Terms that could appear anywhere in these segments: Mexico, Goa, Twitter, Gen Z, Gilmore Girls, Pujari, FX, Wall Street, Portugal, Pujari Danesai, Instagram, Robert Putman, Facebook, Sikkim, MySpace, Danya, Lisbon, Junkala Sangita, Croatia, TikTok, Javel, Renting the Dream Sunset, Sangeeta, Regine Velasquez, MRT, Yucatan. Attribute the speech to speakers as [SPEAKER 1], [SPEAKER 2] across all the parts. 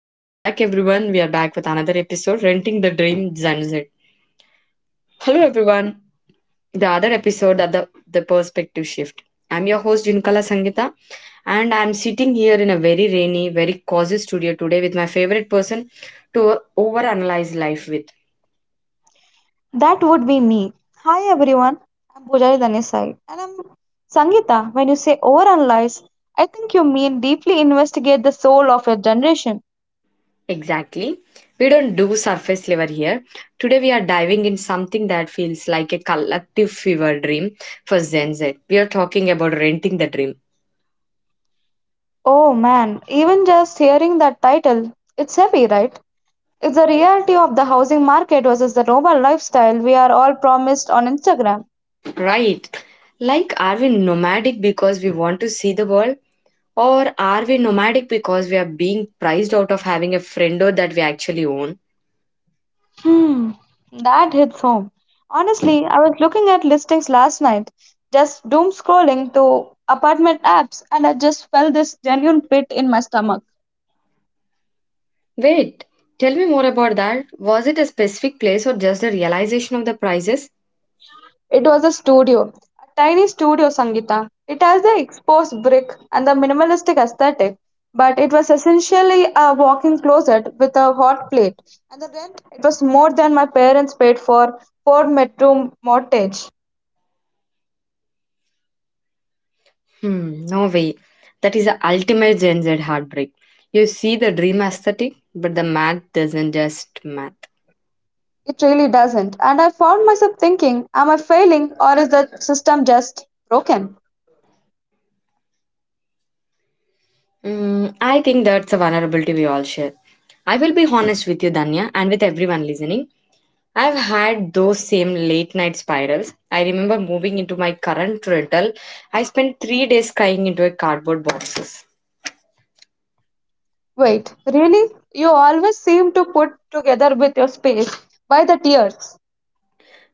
[SPEAKER 1] welcome back everyone. We are back with another episode, Renting the Dream Sunset. Hello everyone. The other episode of the perspective shift. I'm your host Junkala Sangita, and I'm sitting here in a very rainy, very cozy studio today with my favorite person to overanalyze life with.
[SPEAKER 2] That would be me. Hi everyone, I'm Pujari Danesai and I'm Sangeeta. When you say overanalyze, I think you mean deeply investigate the soul of a generation.
[SPEAKER 1] Exactly. We don't do surface level here. Today we are diving in something that feels like a collective fever dream for Zen Z. We are talking about renting the dream.
[SPEAKER 2] Oh man, even just hearing that title, it's heavy, right? It's the reality of the housing market versus the noble lifestyle we are all promised on Instagram.
[SPEAKER 1] Right. Like, are we nomadic because we want to see the world? Or are we nomadic because we are being priced out of having a friendo that we actually own?
[SPEAKER 2] Hmm, that hits home. Honestly, I was looking at listings last night, just doom scrolling through apartment apps, and I just felt this genuine pit in my stomach.
[SPEAKER 1] Wait, tell me more about that. Was it a specific place or just the realization of the prices?
[SPEAKER 2] It was a studio, a tiny studio, Sangita. It has the exposed brick and the minimalistic aesthetic, but it was essentially a walk-in closet with a hot plate. And the rent, it was more than my parents paid for four-bedroom mortgage.
[SPEAKER 1] Hmm, no way. That is the ultimate Gen Z heartbreak. You see the dream aesthetic, but the math doesn't just math.
[SPEAKER 2] It really doesn't. And I found myself thinking, am I failing or is the system just broken?
[SPEAKER 1] Mm, I think that's a vulnerability we all share. I will be honest with you, Danya, and with everyone listening. I've had those same late night spirals. I remember moving into my current rental. I spent 3 days crying into a cardboard boxes
[SPEAKER 2] Wait, really? You always seem to put together with your space. By the tears.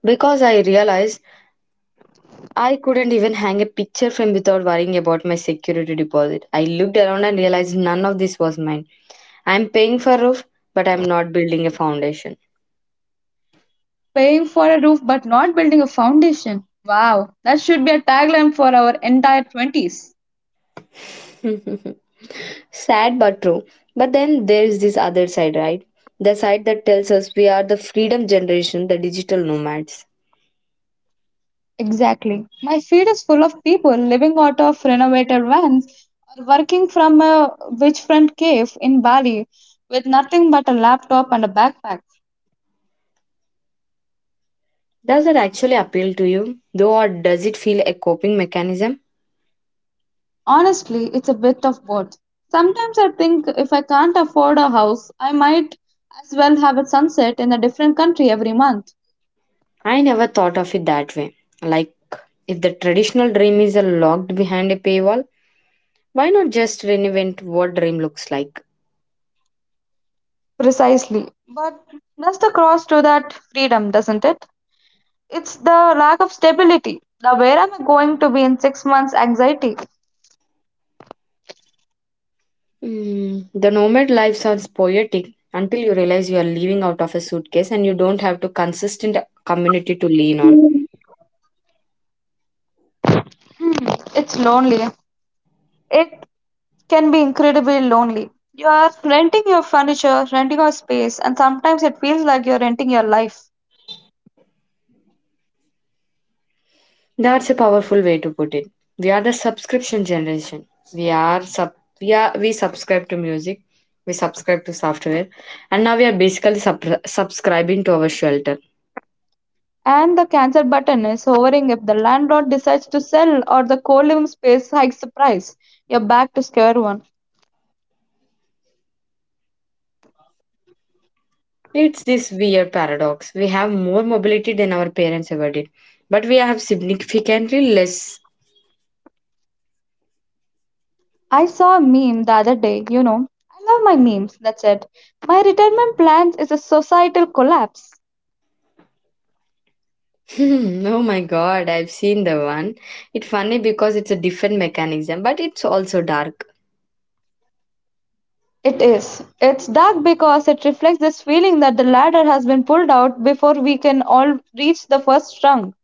[SPEAKER 1] because I realized I couldn't even hang a picture frame without worrying about my security deposit. I looked around and realized none of this was mine. I'm paying for a roof, but I'm not building a foundation.
[SPEAKER 2] Paying for a roof but not building a foundation. Wow, that should be a tagline for our entire 20s.
[SPEAKER 1] Sad but true. But then there's this other side, right? The side that tells us we are the freedom generation, the digital nomads.
[SPEAKER 2] Exactly. My feed is full of people living out of renovated vans or working from a beachfront cave in Bali with nothing but a laptop and a backpack.
[SPEAKER 1] Does that actually appeal to you, though, or does it feel a coping mechanism?
[SPEAKER 2] Honestly, it's a bit of both. Sometimes I think if I can't afford a house, I might as well have a sunset in a different country every month.
[SPEAKER 1] I never thought of it that way. Like, if the traditional dream is locked behind a paywall, why not just reinvent what dream looks like?
[SPEAKER 2] Precisely. But that's the cross to that freedom, doesn't it? It's the lack of stability. The where am I going to be in 6 months anxiety?
[SPEAKER 1] Mm, the nomad life sounds poetic until you realize you are living out of a suitcase and you don't have to consistent community to lean on.
[SPEAKER 2] It's lonely. It can be incredibly lonely. You are renting your furniture, renting your space, and sometimes it feels like you're renting your life.
[SPEAKER 1] That's a powerful way to put it. We are the subscription generation. We are sub we subscribe to music, we subscribe to software, and now we are basically subscribing to our shelter.
[SPEAKER 2] And the cancel button is hovering if the landlord decides to sell or the co living space hikes the price. You're back to square one.
[SPEAKER 1] It's this weird paradox. We have more mobility than our parents ever did, but we have significantly less.
[SPEAKER 2] I saw a meme the other day. I love my memes, that's it. My retirement plans is a societal collapse.
[SPEAKER 1] Hmm, oh my god, I've seen the one. It's funny because it's a different mechanism, but it's also dark.
[SPEAKER 2] It is. It's dark because it reflects this feeling that the ladder has been pulled out before we can all reach the first rung.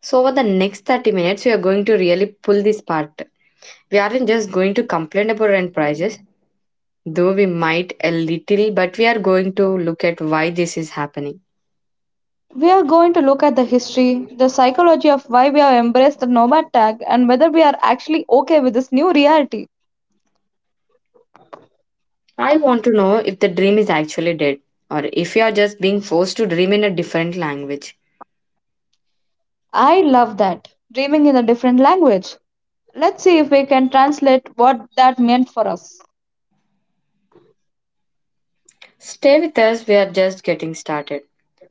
[SPEAKER 1] So over the next 30 minutes we are going to really pull this part. We aren't just going to complain about rent prices, though we might a little, but we are going to look at why this is happening.
[SPEAKER 2] We are going to look at the history, the psychology of why we have embraced the nomad tag, and whether we are actually okay with this new reality.
[SPEAKER 1] I want to know if the dream is actually dead or if you are just being forced to dream in a different language.
[SPEAKER 2] I love that. Dreaming in a different language. Let's see if we can translate what that meant for us.
[SPEAKER 1] Stay with us, we are just getting started.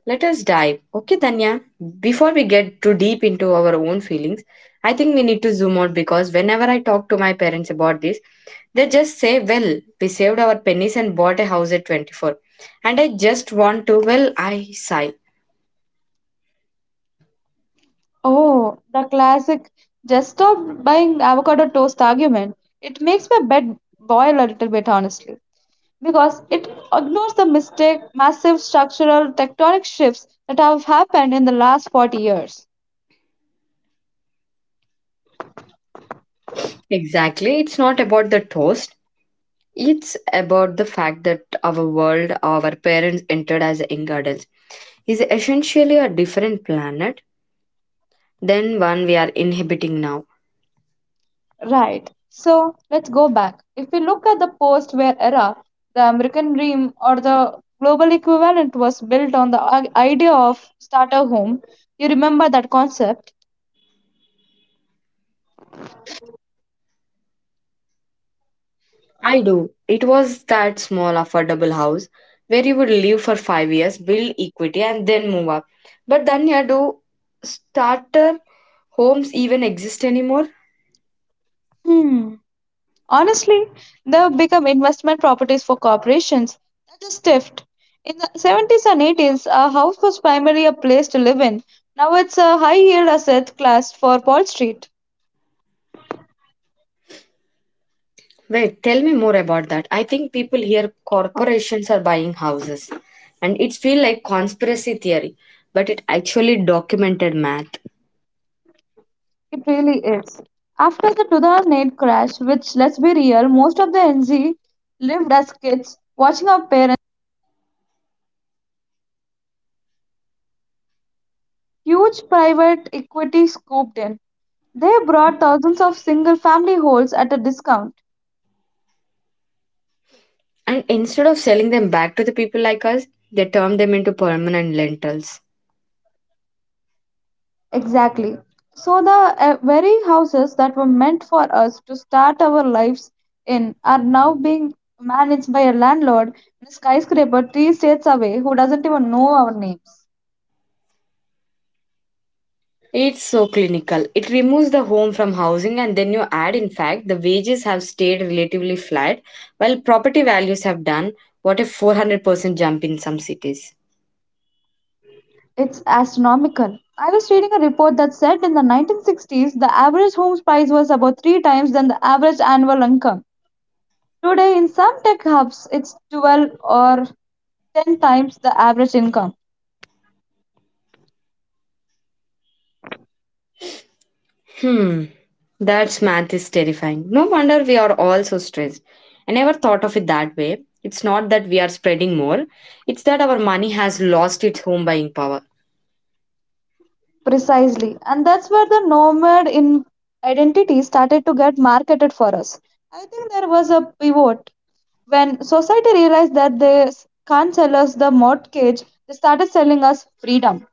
[SPEAKER 1] Let us dive. Okay, Danya, before we get too deep into our own feelings, I think we need to zoom out because whenever I talk to my parents about this, they just say, "Well, we saved our pennies and bought a house at 24." And I just want to, well, I sigh.
[SPEAKER 2] Oh, the classic just stop buying avocado toast argument. It makes my bed boil a little bit, honestly, because it ignores the mistake, massive structural tectonic shifts that have happened in the last 40 years.
[SPEAKER 1] Exactly. It's not about the toast. It's about the fact that our world our parents entered as young adults is essentially a different planet than one we are inhabiting now.
[SPEAKER 2] Right. So let's go back. If we look at the post war era, the American dream or the global equivalent was built on the idea of starter home. You remember that concept?
[SPEAKER 1] I do. It was that small, affordable house where you would live for 5 years, build equity, and then move up. But then, yeah, do starter homes even exist anymore?
[SPEAKER 2] Hmm. Honestly, they become investment properties for corporations. That is theft. In the 70s and 80s, a house was primarily a place to live in. Now it's a high yield asset class for Wall Street.
[SPEAKER 1] Wait, tell me more about that. I think people here, corporations are buying houses, and it feels like conspiracy theory, but it actually documented math.
[SPEAKER 2] It really is. After the 2008 crash, which let's be real, most of the NZ lived as kids watching our parents. Huge private equity scooped in. They brought thousands of single family homes at a discount.
[SPEAKER 1] And instead of selling them back to the people like us, they turn them into permanent lentils.
[SPEAKER 2] Exactly. So, the very houses that were meant for us to start our lives in are now being managed by a landlord in a skyscraper three states away who doesn't even know our names.
[SPEAKER 1] It's so clinical. It removes the home from housing, and then you add, in fact, the wages have stayed relatively flat, while property values have done what, a 400% jump in some cities.
[SPEAKER 2] It's astronomical. I was reading a report that said in the 1960s the average home price was about three times than the average annual income. Today, in some tech hubs, it's 12 or 10 times the average income.
[SPEAKER 1] Hmm, that math is terrifying. No wonder we are all so stressed. I never thought of it that way. It's not that we are spreading more, it's that our money has lost its home buying power.
[SPEAKER 2] Precisely. And that's where the nomad in identity started to get marketed for us. I think there was a pivot when society realized that can't sell us the mortgage, they started selling us freedom.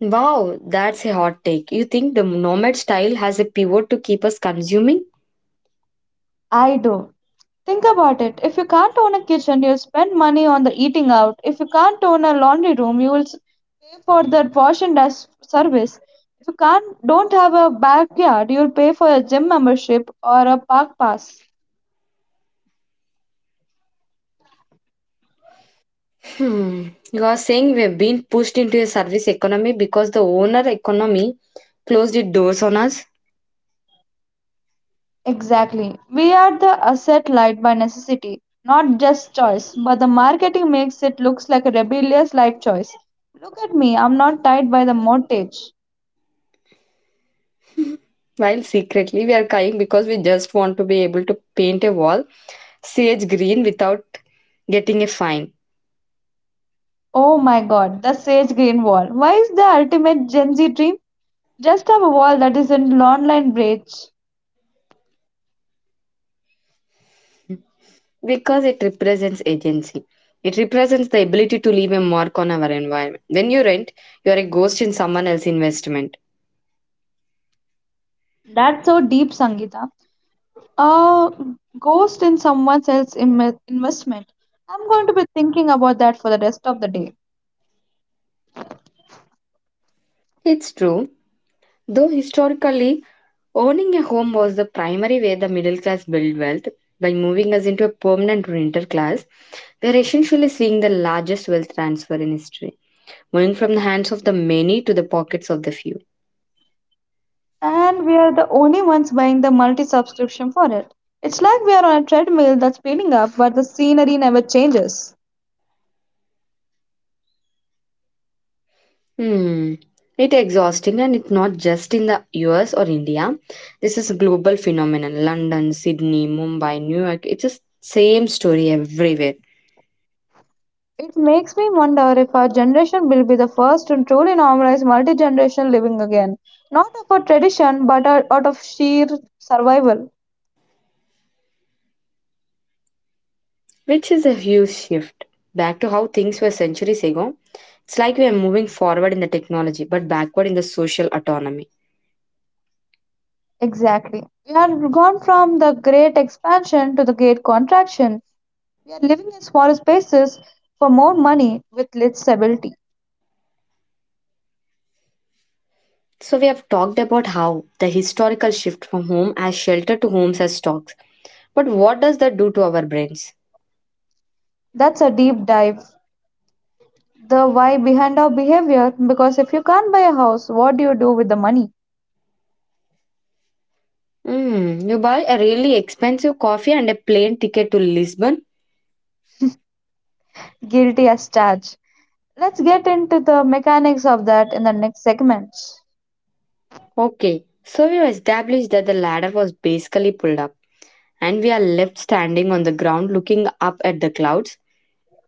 [SPEAKER 1] Wow, that's a hot take. You think the nomad style has a pivot to keep us consuming?
[SPEAKER 2] I do. Think about it. If you can't own a kitchen, you'll spend money on the eating out. If you can't own a laundry room, pay for the wash and dust service. If you can't don't have a backyard, you'll pay for a gym membership or a park pass.
[SPEAKER 1] Hmm. You are saying we've been pushed into a service economy because the owner economy closed its doors on us,
[SPEAKER 2] Exactly. We are the asset light by necessity, not just choice, but the marketing makes it looks like a rebellious life choice. Look at me, I'm not tied by the mortgage.
[SPEAKER 1] while secretly we are crying because we just want to be able to paint a wall sage green without getting a fine
[SPEAKER 2] Oh my god, the sage green wall. Why is the ultimate Gen Z dream? Just have a wall that isn't online bridge.
[SPEAKER 1] because it represents agency. It represents the ability to leave a mark on our environment. When you rent, you are a ghost in someone else's investment.
[SPEAKER 2] That's so deep, Sangita. A ghost in someone else's investment. I'm going to be thinking about that for the rest of the day.
[SPEAKER 1] It's true, though historically owning a home was the primary way the middle class built wealth. By moving us into a permanent renter class, we are essentially seeing the largest wealth transfer in history, moving from the hands of the many to the pockets of the few.
[SPEAKER 2] And we are the only ones buying the multi subscription for it. It's like we are on a treadmill that's speeding up, but the scenery never changes.
[SPEAKER 1] Hmm. It's exhausting and it's not just in the US or India. This is a global phenomenon. London, Sydney, Mumbai, New York. It's the same story everywhere.
[SPEAKER 2] It makes me wonder if our generation will be the first to truly normalize multi generational living again. Not of a tradition, but out of sheer survival.
[SPEAKER 1] Which is a huge shift back to how things were centuries ago. It's like we are moving forward in the technology but backward in the social autonomy.
[SPEAKER 2] Exactly. We have gone from the great expansion to the great contraction. We are living in smaller spaces for more money with less stability.
[SPEAKER 1] So, we have talked about how the historical shift from home as shelter to homes as stocks. But what does that do to our brains?
[SPEAKER 2] That's a deep dive. The why behind our behavior, because if you can't buy a house, what do you do with the money?
[SPEAKER 1] Mm, you buy a really expensive coffee and a plane ticket to Lisbon?
[SPEAKER 2] Guilty as charged. Let's get into the mechanics of that in the next segment.
[SPEAKER 1] Okay, so we have established that the ladder was basically pulled up and we are left standing on the ground looking up at the clouds.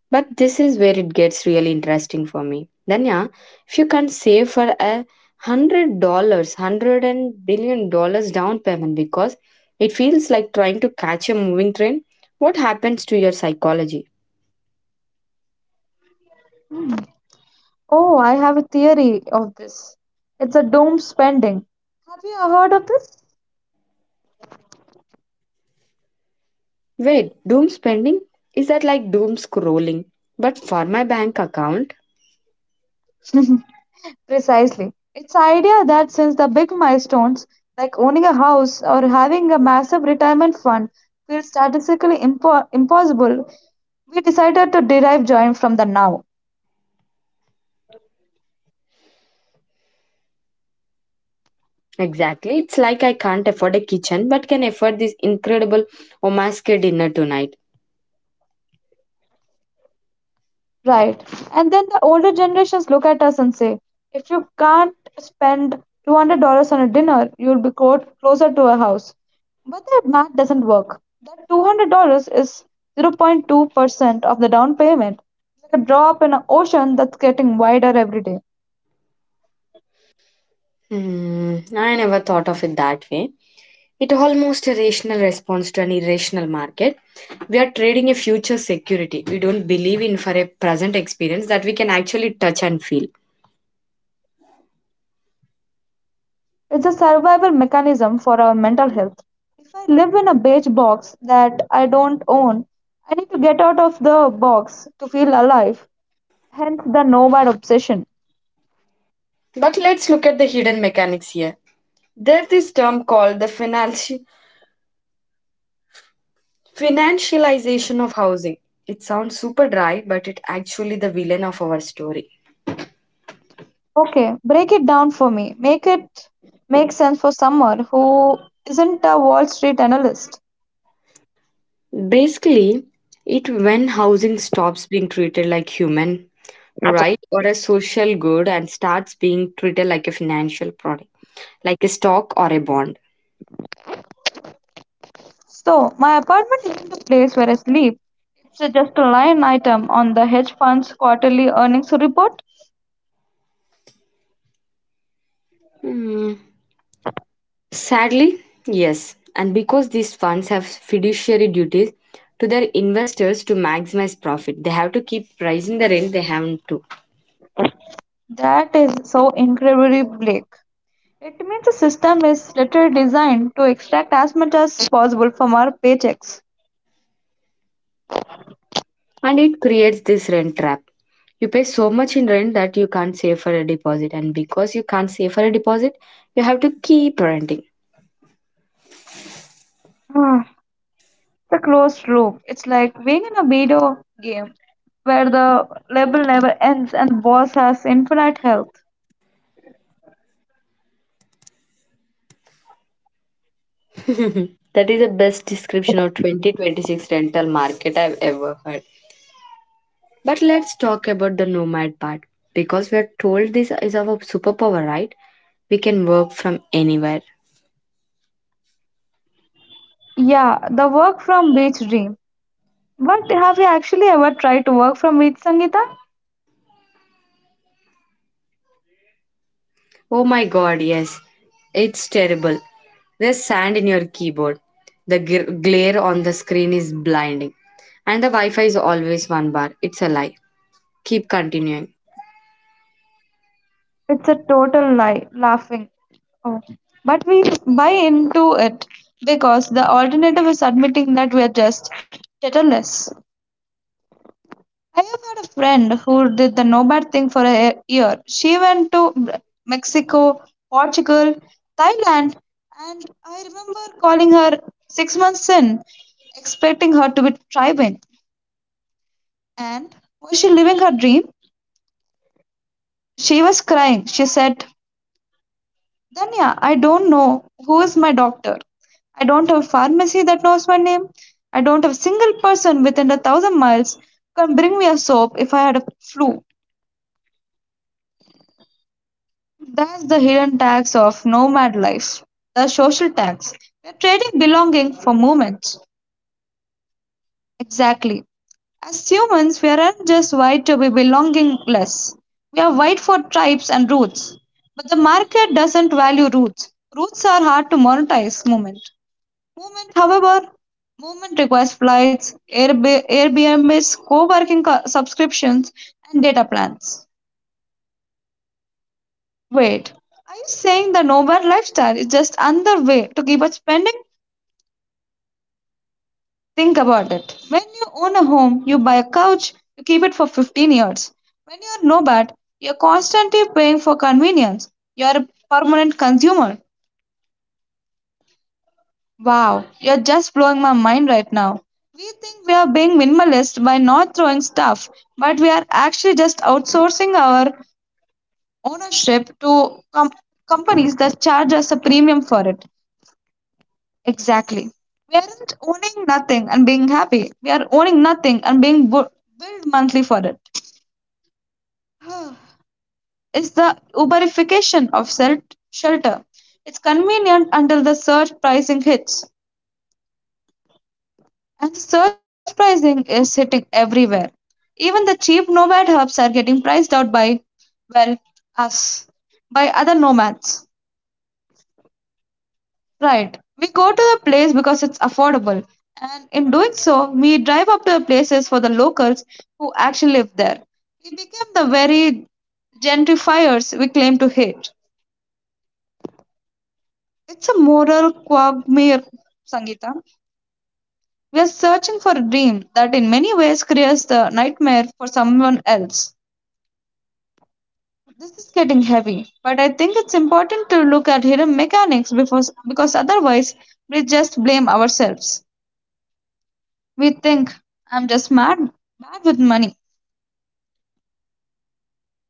[SPEAKER 1] But this is where it gets really interesting for me. Danya, if you can save for $100, hundred and billion dollars down payment because it feels like trying to catch a moving train, what happens to your psychology?
[SPEAKER 2] Oh, I have a theory of this. It's a doom spending. Have you heard of this?
[SPEAKER 1] Wait, doom spending? Is that like doom scrolling? But for my bank account?
[SPEAKER 2] Precisely. It's the idea that since the big milestones, like owning a house or having a massive retirement fund, feel statistically impossible, we decided to derive joy from the now.
[SPEAKER 1] Exactly. It's like I can't afford a kitchen but can afford this incredible omakase dinner tonight.
[SPEAKER 2] Right. And then the older generations look at us and say, if you can't spend $200 on a dinner, closer to a house. But that math doesn't work. That $200 is 0.2% of the down payment. It's like a drop in an ocean that's getting wider every day.
[SPEAKER 1] Hmm, I never thought of it that way. It almost a rational response to an irrational market. We are trading a future security we don't believe in for a present experience that we can actually touch and feel.
[SPEAKER 2] It's a survival mechanism for our mental health. If I live in a beige box that I don't own, I need to get out of the box to feel alive, hence the nomad obsession.
[SPEAKER 1] But let's look at the hidden mechanics here. There's this term called the financialization of housing. It sounds super dry, but it actually the villain of our story.
[SPEAKER 2] Okay, break it down for me. Make it make sense for someone who isn't a Wall Street analyst.
[SPEAKER 1] Basically, it when housing stops being treated like human right? Or a social good and starts being treated like a financial product, like a stock or a bond.
[SPEAKER 2] So, my apartment isn't a place where I sleep. Just a line item on the hedge fund's quarterly earnings report.
[SPEAKER 1] Hmm. Sadly, yes. And because these funds have fiduciary duties to their investors to maximize profit, they have to keep raising the rent they have to.
[SPEAKER 2] That is so incredibly bleak. It means the system is literally designed to extract as much as possible from our paychecks.
[SPEAKER 1] And it creates this rent trap. You pay so much in rent that you can't save for a deposit. And because you can't save for a deposit, you have to keep renting.
[SPEAKER 2] It's a closed loop. It's like being in a video game where the level never ends and the boss has infinite health.
[SPEAKER 1] That is the best description of 2026 rental market I've ever heard. But let's talk about the nomad part because we are told this is our superpower, right? We can work from anywhere.
[SPEAKER 2] Yeah, the work from beach dream. But have you actually ever tried to work from beach, Sangeeta?
[SPEAKER 1] Oh my god, yes. It's terrible. There's sand in your keyboard. The glare on the screen is blinding. And the Wi Fi is always one bar. It's a lie. Keep continuing.
[SPEAKER 2] It's a total lie, laughing. Oh. But we buy into it because the alternative is admitting that we are just tetherless. I have had a friend who did the nomad thing for a year. She went to Mexico, Portugal, Thailand, and I remember calling her 6 months in, expecting her to be thriving. And was she living her dream? She was crying. She said, Danya, I don't know who is my doctor. I don't have a pharmacy that knows my name. I don't have a single person within a thousand miles who can bring me a soap if I had a flu. That's the hidden tax of nomad life, the social tax. We're trading belonging for movement. Exactly. As humans, we aren't just white to be belongingless. We are white for tribes and roots. But the market doesn't value roots. Roots are hard to monetize movement. Movement, however, movement requires flights, Airbnbs, co-working subscriptions, and data plans. Wait, are you saying the nomad lifestyle is just another way to keep us spending? Think about it. When you own a home, you buy a couch, you keep it for 15 years. When you're nomad, you're constantly paying for convenience. You're a permanent consumer. Wow, you're just blowing my mind right now. We think we are being minimalist by not throwing stuff, but we are actually just outsourcing our ownership to companies that charge us a premium for it. Exactly. We aren't owning nothing and being happy. We are owning nothing and being billed monthly for it. It's the uberification of shelter. It's convenient until the surge pricing hits. And the surge pricing is hitting everywhere. Even the cheap nomad hubs are getting priced out by, well, us, by other nomads. Right. We go to the place because it's affordable. And in doing so, we drive up to the places for the locals who actually live there. We become the very gentrifiers we claim to hate. It's a moral quagmire, Sangeeta. We are searching for a dream that in many ways creates the nightmare for someone else. This is getting heavy, but I think it's important to look at hidden mechanics before, because otherwise we just blame ourselves. We think, I'm just mad, bad with money.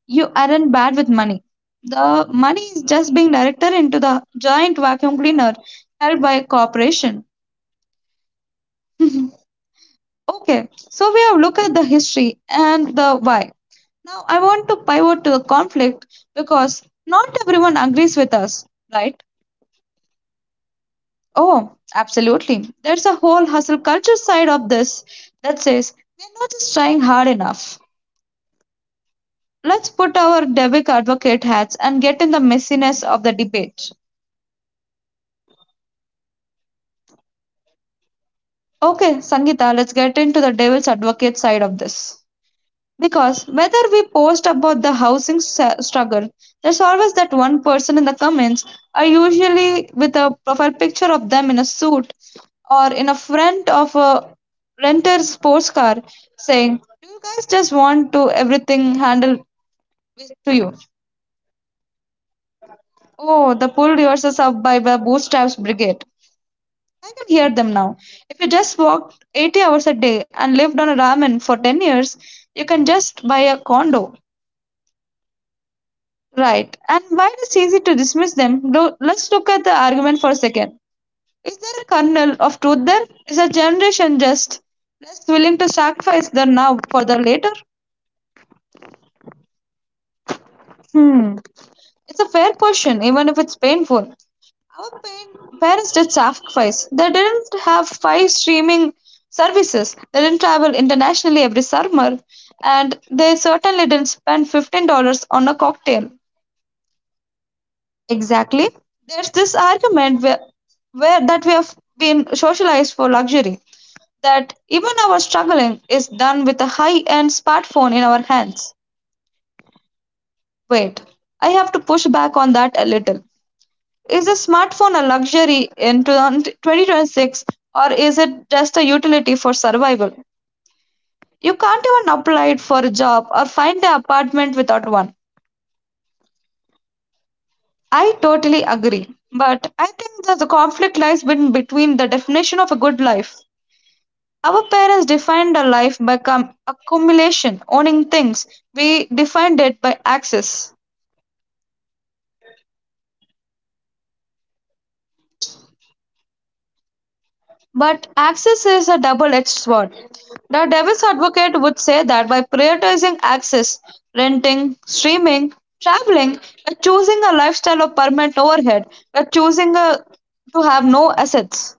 [SPEAKER 2] You aren't bad with money. The money is just being directed into the giant vacuum cleaner held by a corporation. Okay, so we have looked at the history and the why. Now I want to pivot to the conflict because not everyone agrees with us, right? Oh, absolutely. There's a whole hustle culture side of this that says we're not just trying hard enough. Let's put our Debug advocate hats and get in the messiness of the debate. Okay, Sangeeta, let's get into the devil's advocate side of this. Because whether we post about the struggle, there's always that one person in the comments, are usually with a profile picture of them in a suit or in a front of a renter's sports car saying, do you guys just want to everything handled to you? Oh, the pull yourselves up by the bootstraps brigade. I can hear them now. If you just walked 80 hours a day and lived on a ramen for 10 years, you can just buy a condo. Right. And while it's easy to dismiss them, let's look at the argument for a second. Is there a kernel of truth there? Is our generation just less willing to sacrifice the now for the later? Hmm. It's a fair question, even if it's painful. Our parents did sacrifice. They didn't have five streaming services. They didn't travel internationally every summer. And they certainly didn't spend $15 on a cocktail. Exactly. There's this argument where that we have been socialized for luxury. That even our struggling is done with a high end smartphone in our hands. Wait, I have to push back on that a little. Is a smartphone a luxury in 2026 or is it just a utility for survival? You can't even apply it for a job or find an apartment without one. I totally agree. But I think that the conflict lies between the definition of a good life. Our parents defined a life by accumulation, owning things. We defined it by access. But access is a double-edged sword. The devil's advocate would say that by prioritizing access, renting, streaming, traveling, we're choosing a lifestyle of permanent overhead. We're choosing a, to have no assets.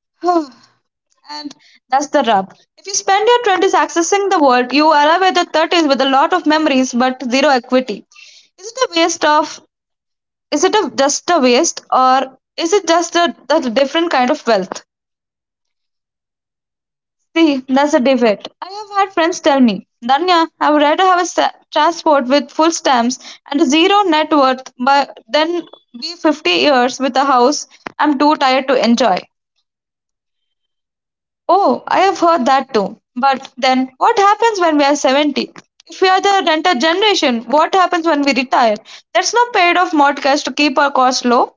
[SPEAKER 2] And that's the rub. If you spend your 20s accessing the world, you arrive at your 30s with a lot of memories but zero equity. Is it a waste of? Is it a, just a waste, or is it just a different kind of wealth? See, that's a debate. I have had friends tell me, Danya, I would rather have a transport with full stamps and a zero net worth but than be 50 years with a house I'm too tired to enjoy. Oh, I have heard that too. But then, what happens when we are 70? If we are the renter generation, what happens when we retire? There's no paid off mortgage to keep our costs low.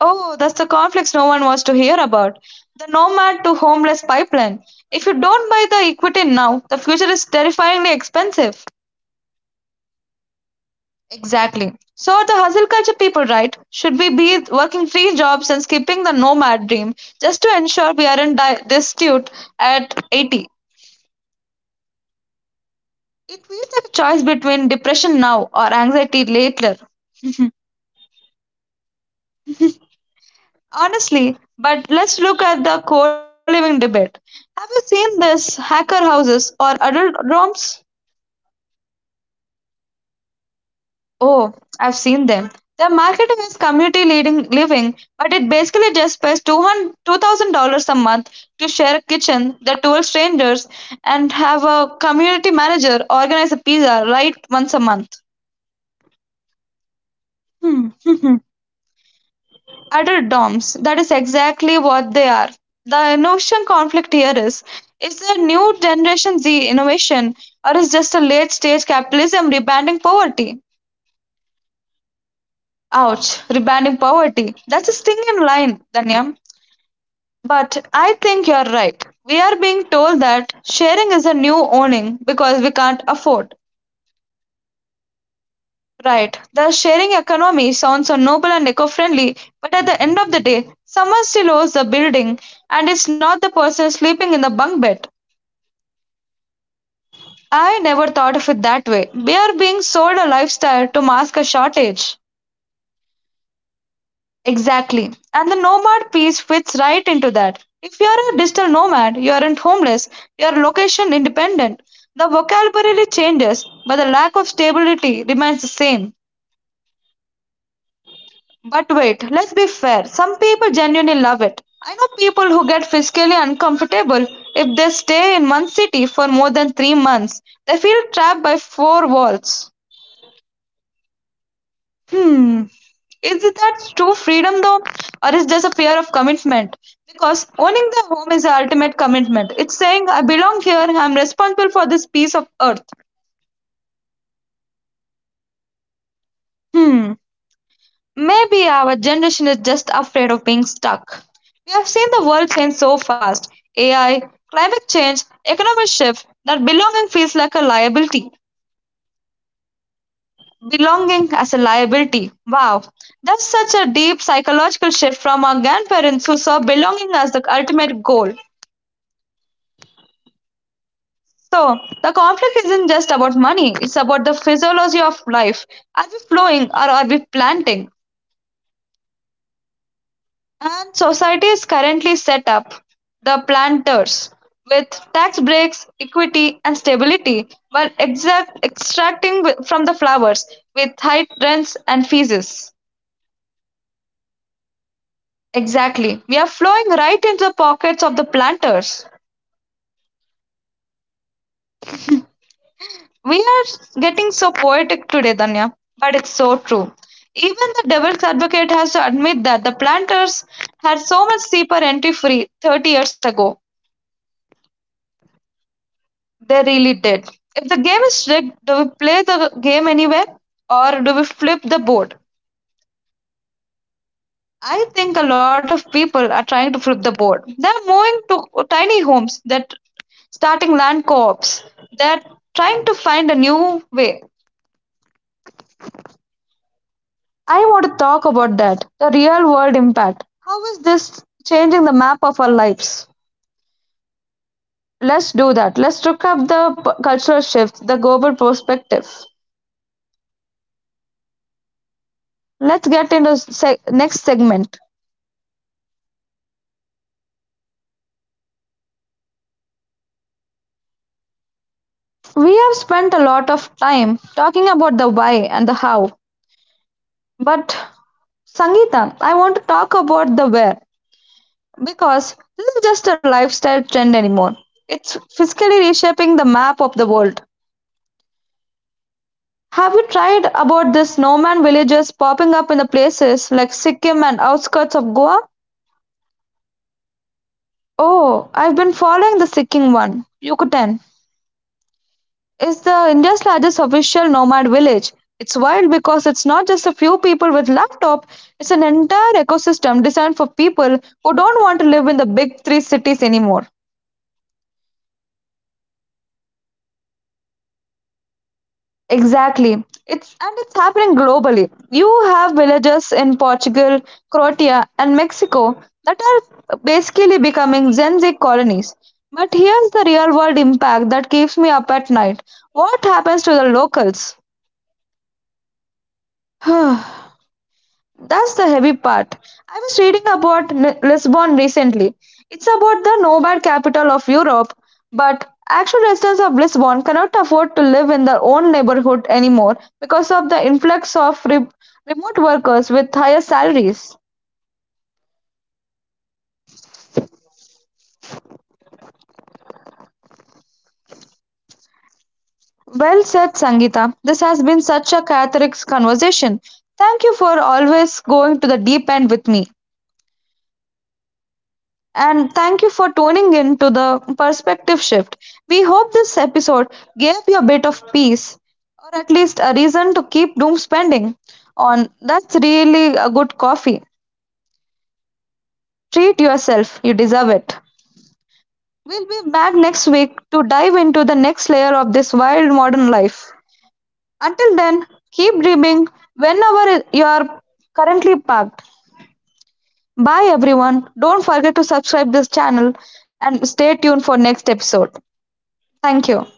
[SPEAKER 2] Oh, that's the conflicts no one wants to hear about. The nomad to homeless pipeline. If you don't buy the equity now, the future is terrifyingly expensive. Exactly. So are the hustle culture people right? Should we be working three jobs and skipping the nomad dream just to ensure we aren't destitute at 80? It feels like a choice between depression now or anxiety later. Honestly, but let's look at the co-living debate. Have you seen this hacker houses or adult dorms? Oh, I've seen them. Their marketing is community leading living, but it basically just pays 200, $2,000 a month to share a kitchen, the 12 strangers, and have a community manager organize a pizza right once a month. Hmm. Adult dorms, that is exactly what they are. The innovation conflict here is the new generation Z innovation or is just a late stage capitalism rebranding poverty? Ouch, rebranding poverty. That's a sting in line, Danya. But I think you're right. We are being told that sharing is a new owning because we can't afford. Right. The sharing economy sounds so noble and eco friendly, but at the end of the day, someone still owns the building and it's not the person sleeping in the bunk bed. I never thought of it that way. We are being sold a lifestyle to mask a shortage. Exactly. And the nomad piece fits right into that. If you're a digital nomad, you aren't homeless, you're location independent. The vocabulary changes, but the lack of stability remains the same. But wait, let's be fair. Some people genuinely love it. I know people who get physically uncomfortable if they stay in one city for more than 3 months. They feel trapped by four walls. Hmm. Is it that true freedom though? Or is just a fear of commitment? Because owning the home is the ultimate commitment. It's saying I belong here, I'm responsible for this piece of earth. Hmm. Maybe our generation is just afraid of being stuck. We have seen the world change so fast. AI, climate change, economic shift, that belonging feels like a liability. Belonging as a liability. Wow, that's such a deep psychological shift from our grandparents who saw belonging as the ultimate goal. So, the conflict isn't just about money, it's about the physiology of life. Are we flowing or are we planting? And society is currently set up the planters with tax breaks, equity, and stability, while exact extracting from the flowers with high rents and fees. Exactly. We are flowing right into the pockets of the planters. We are getting so poetic today, Danya, but it's so true. Even the devil's advocate has to admit that the planters had so much cheaper entry free 30 years ago. They really did. If the game is rigged, do we play the game anyway or do we flip the board? I think a lot of people are trying to flip the board. They're moving to tiny homes, they're starting land co-ops, they're trying to find a new way. I want to talk about that, the real world impact. How is this changing the map of our lives? Let's do that. Let's look up the cultural shift, the global perspective. Let's get into next segment. We have spent a lot of time talking about the why and the how, but Sangeeta, I want to talk about the wear because this is just a lifestyle trend anymore. It's physically reshaping the map of the world. Have you tried about the snowman villages popping up in the places like Sikkim and outskirts of Goa? Oh, I've been following the Sikkim one. Yucatan is the India's largest official nomad village. It's wild because it's not just a few people with laptop, it's an entire ecosystem designed for people who don't want to live in the big three cities anymore. Exactly. It's and it's happening globally. You have villages in Portugal, Croatia, and Mexico that are basically becoming Gen Z colonies. But here's the real world impact that keeps me up at night. What happens to the locals? That's the heavy part. I was reading about Lisbon recently. It's about the nomad capital of Europe, but actual residents of Lisbon cannot afford to live in their own neighborhood anymore because of the influx of remote workers with higher salaries. Well said, Sangeeta. This has been such a cathartic conversation. Thank you for always going to the deep end with me. And thank you for tuning in to the perspective shift. We hope this episode gave you a bit of peace or at least a reason to keep doom spending on. That's really a good coffee. Treat yourself, you deserve it. We'll be back next week to dive into the next layer of this wild modern life. Until then, keep dreaming whenever you are currently parked. Bye everyone. Don't forget to subscribe this channel and stay tuned for next episode. Thank you.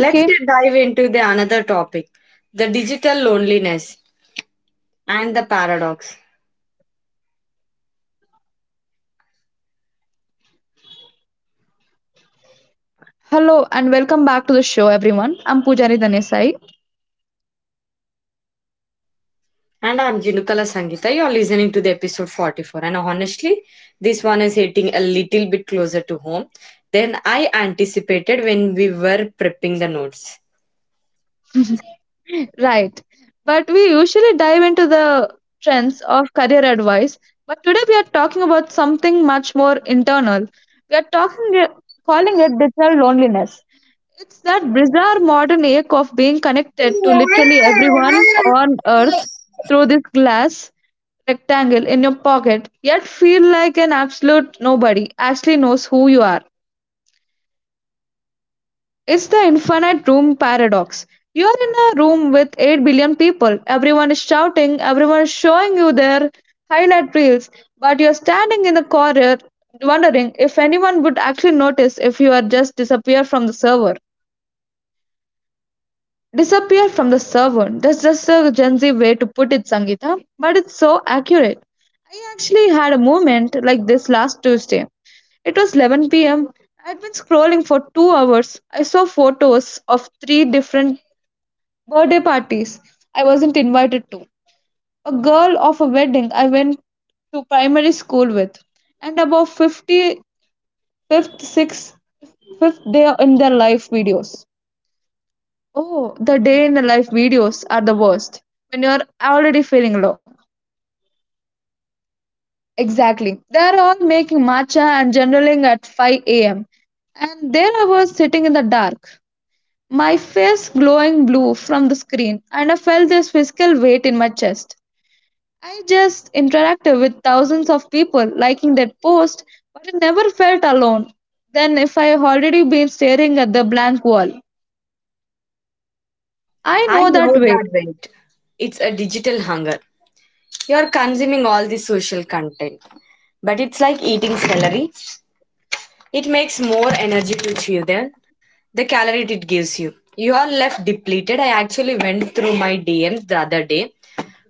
[SPEAKER 1] Let's get dive into the another topic, the digital loneliness and the paradox.
[SPEAKER 2] Hello and welcome back to the show, everyone. I'm Pujari Danesai.
[SPEAKER 1] And I'm Jinukala Sangita. You're listening to the episode 44. And honestly, this one is hitting a little bit closer to home than I anticipated when we were prepping the notes.
[SPEAKER 2] Right. But we usually dive into the trends of career advice. But today we are talking about something much more internal. We are talking, calling it digital loneliness. It's that bizarre modern ache of being connected to literally everyone on earth through this glass rectangle in your pocket, yet feel like an absolute nobody actually knows who you are. It's the infinite room paradox. You're in a room with 8 billion people. Everyone is shouting, everyone is showing you their highlight reels, but you're standing in the corner wondering if anyone would actually notice if you are just disappear from the server. That's just a Gen Z way to put it, Sangeeta, but it's so accurate. I actually had a moment like this last Tuesday. It was 11 pm. I had been scrolling for 2 hours. I saw photos of three different birthday parties I wasn't invited to. A girl of a wedding I went to primary school with, and about 50 6th, 5th day in their life videos. Oh, the day in the life videos are the worst when you're already feeling low. Exactly. They're all making matcha and journaling at 5 a.m. And there I was sitting in the dark, my face glowing blue from the screen, and I felt this physical weight in my chest. I just interacted with thousands of people liking that post, but I never felt alone. Then, if I had already been staring at the blank wall, I
[SPEAKER 1] I
[SPEAKER 2] know that
[SPEAKER 1] know
[SPEAKER 2] weight.
[SPEAKER 1] that wait. It's a digital hunger. You're consuming all the social content. But it's like eating celery. It makes more energy to chew than the calorie it gives you. You are left depleted. I actually went through my DMs the other day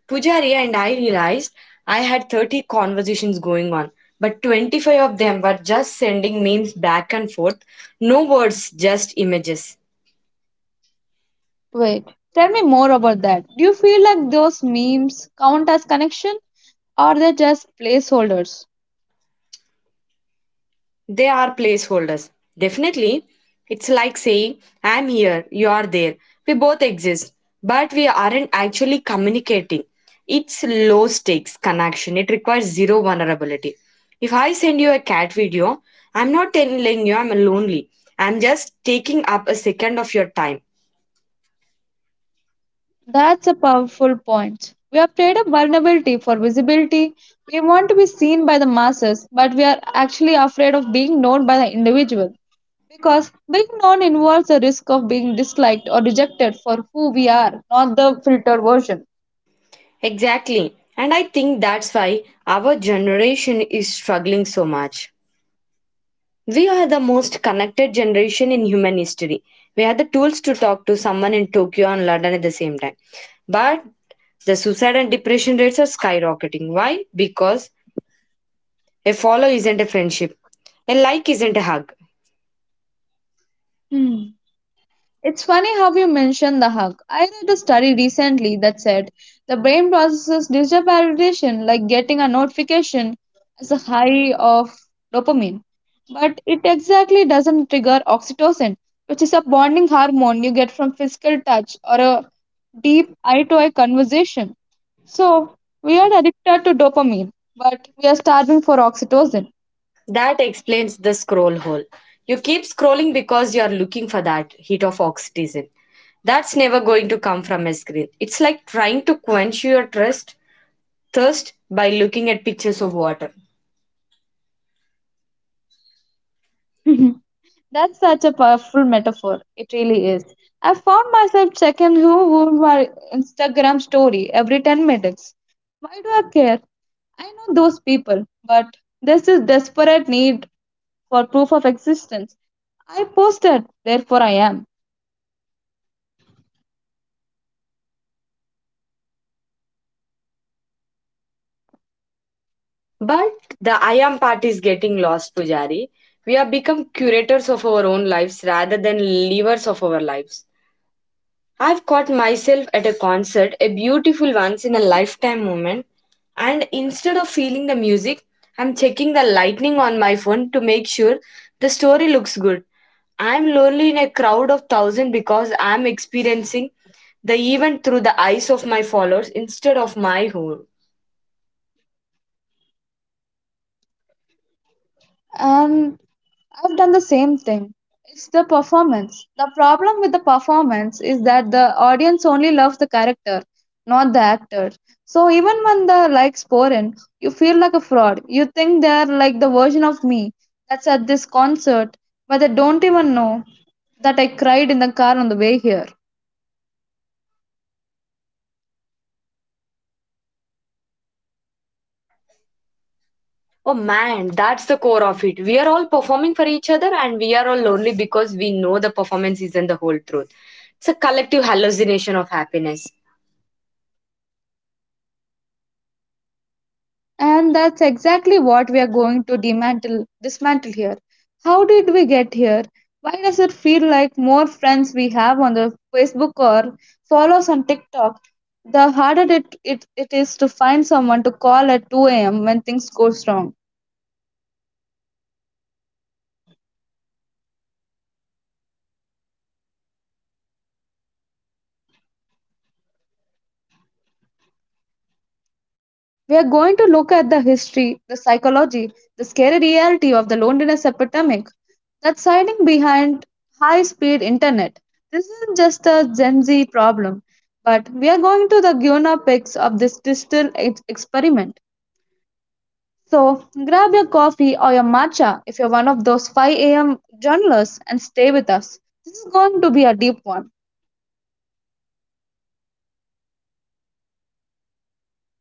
[SPEAKER 1] Pujari and I realized I had 30 conversations going on, but 25 of them were just sending memes back and forth. No words, just images.
[SPEAKER 2] Wait, tell me more about that. Do you feel like those memes count as connection or they just placeholders?
[SPEAKER 1] They are placeholders. Definitely, it's like saying, I'm here, you're there. We both exist, but we aren't actually communicating. It's low stakes connection, it requires zero vulnerability. If I send you a cat video, I'm not telling you I'm lonely. I'm just taking up a second of your time.
[SPEAKER 2] That's a powerful point. We have traded up vulnerability for visibility. We want to be seen by the masses, but we are actually afraid of being known by the individual. Because being known involves the risk of being disliked or rejected for who we are, not the filtered version.
[SPEAKER 1] Exactly. And I think that's why our generation is struggling so much. We are the most connected generation in human history. We have the tools to talk to someone in Tokyo and London at the same time. But the suicide and depression rates are skyrocketing. Why? Because a follow isn't a friendship, a like isn't a hug.
[SPEAKER 2] Hmm. It's funny how you mentioned the hug. I read a study recently that said the brain processes digital validation, like getting a notification, as a high of dopamine, but it exactly doesn't trigger oxytocin, which is a bonding hormone you get from physical touch or a deep eye to eye conversation. So we are addicted to dopamine, but we are starving for oxytocin.
[SPEAKER 1] That explains the scroll hole. You keep scrolling because you are looking for that hit of oxytocin. That's never going to come from a screen. It's like trying to quench your thirst, thirst by looking at pictures of water.
[SPEAKER 2] That's such a powerful metaphor. It really is. I found myself checking who viewed my Instagram story every 10 minutes. Why do I care? I know those people, but there's this desperate need for proof of existence. I posted, therefore I am.
[SPEAKER 1] But the I am part is getting lost, Pujari. We have become curators of our own lives rather than livers of our lives. I've caught myself at a concert, a beautiful once in a lifetime moment, and instead of feeling the music, I'm checking the lightning on my phone to make sure the story looks good. I'm lonely in a crowd of thousands because I'm experiencing the event through the eyes of my followers instead of my own.
[SPEAKER 2] And I've done the same thing. It's the performance. The problem with the performance is that the audience only loves the character, not the actor. So even when the likes pour in, you feel like a fraud. You think they're like the version of me that's at this concert, but they don't even know that I cried in the car on the way here.
[SPEAKER 1] Oh man, that's the core of it. We are all performing for each other and we are all lonely because we know the performance isn't the whole truth. It's a collective hallucination of happiness.
[SPEAKER 2] And that's exactly what we are going to dismantle here. How did we get here? Why does it feel like more friends we have on the Facebook or follows on TikTok, the harder it is to find someone to call at 2 a.m. when things go wrong? We are going to look at the history, the psychology, the scary reality of the loneliness epidemic that's hiding behind high speed internet. This isn't just a Gen Z problem, but we are going to the guinea pigs of this digital experiment. So grab your coffee or your matcha if you're one of those 5 a.m. journalists and stay with us. This is going to be a deep one.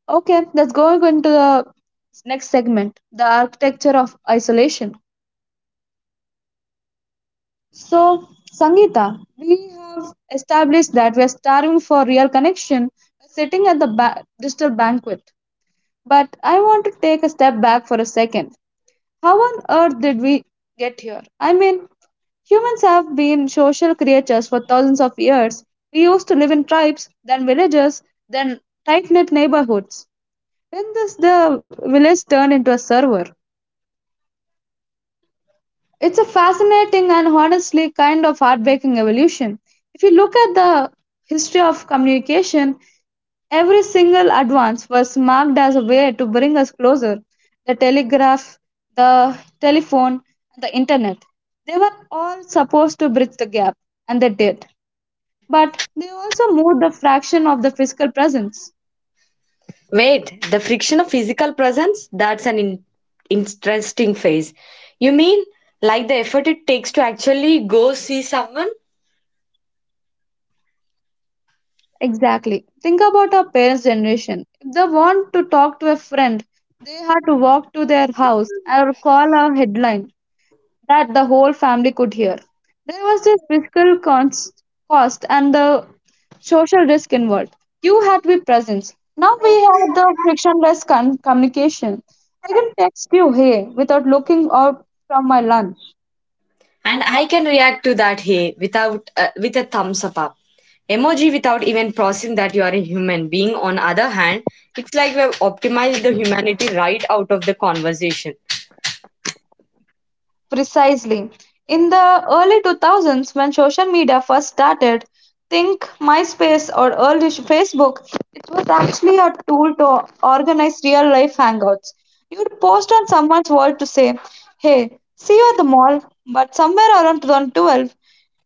[SPEAKER 2] Okay, let's go into the next segment, the architecture of isolation. So, Sangeeta, we have established that we are starving for real connection by sitting at the digital banquet. But I want to take a step back for a second. How on earth did we get here? I mean, humans have been social creatures for thousands of years. We used to live in tribes, then villages, then tight knit neighborhoods. When this the village turned into a server. It's a fascinating and honestly kind of heartbreaking evolution. If you look at the history of communication, every single advance was marked as a way to bring us closer. The telegraph, the telephone, and the internet. They were all supposed to bridge the gap, and they did. But they also moved the fraction of the physical presence.
[SPEAKER 1] Wait, the friction of physical presence? That's an interesting phase. You mean like the effort it takes to actually go see someone?
[SPEAKER 2] Exactly. Think about our parents' generation. If they want to talk to a friend, they had to walk to their house or call a headline that the whole family could hear. There was this physical cost and the social risk involved. You had to be present. Now we have the frictionless communication. I can text you, hey, without looking out from my lunch.
[SPEAKER 1] And I can react to that here without with a thumbs up. Emoji without even processing that you are a human being. On other hand, it's like we have optimized the humanity right out of the conversation.
[SPEAKER 2] Precisely. In the early 2000s, when social media first started, think MySpace or early Facebook, it was actually a tool to organize real life hangouts. You'd post on someone's wall to say, hey, see you at the mall, but somewhere around 2012,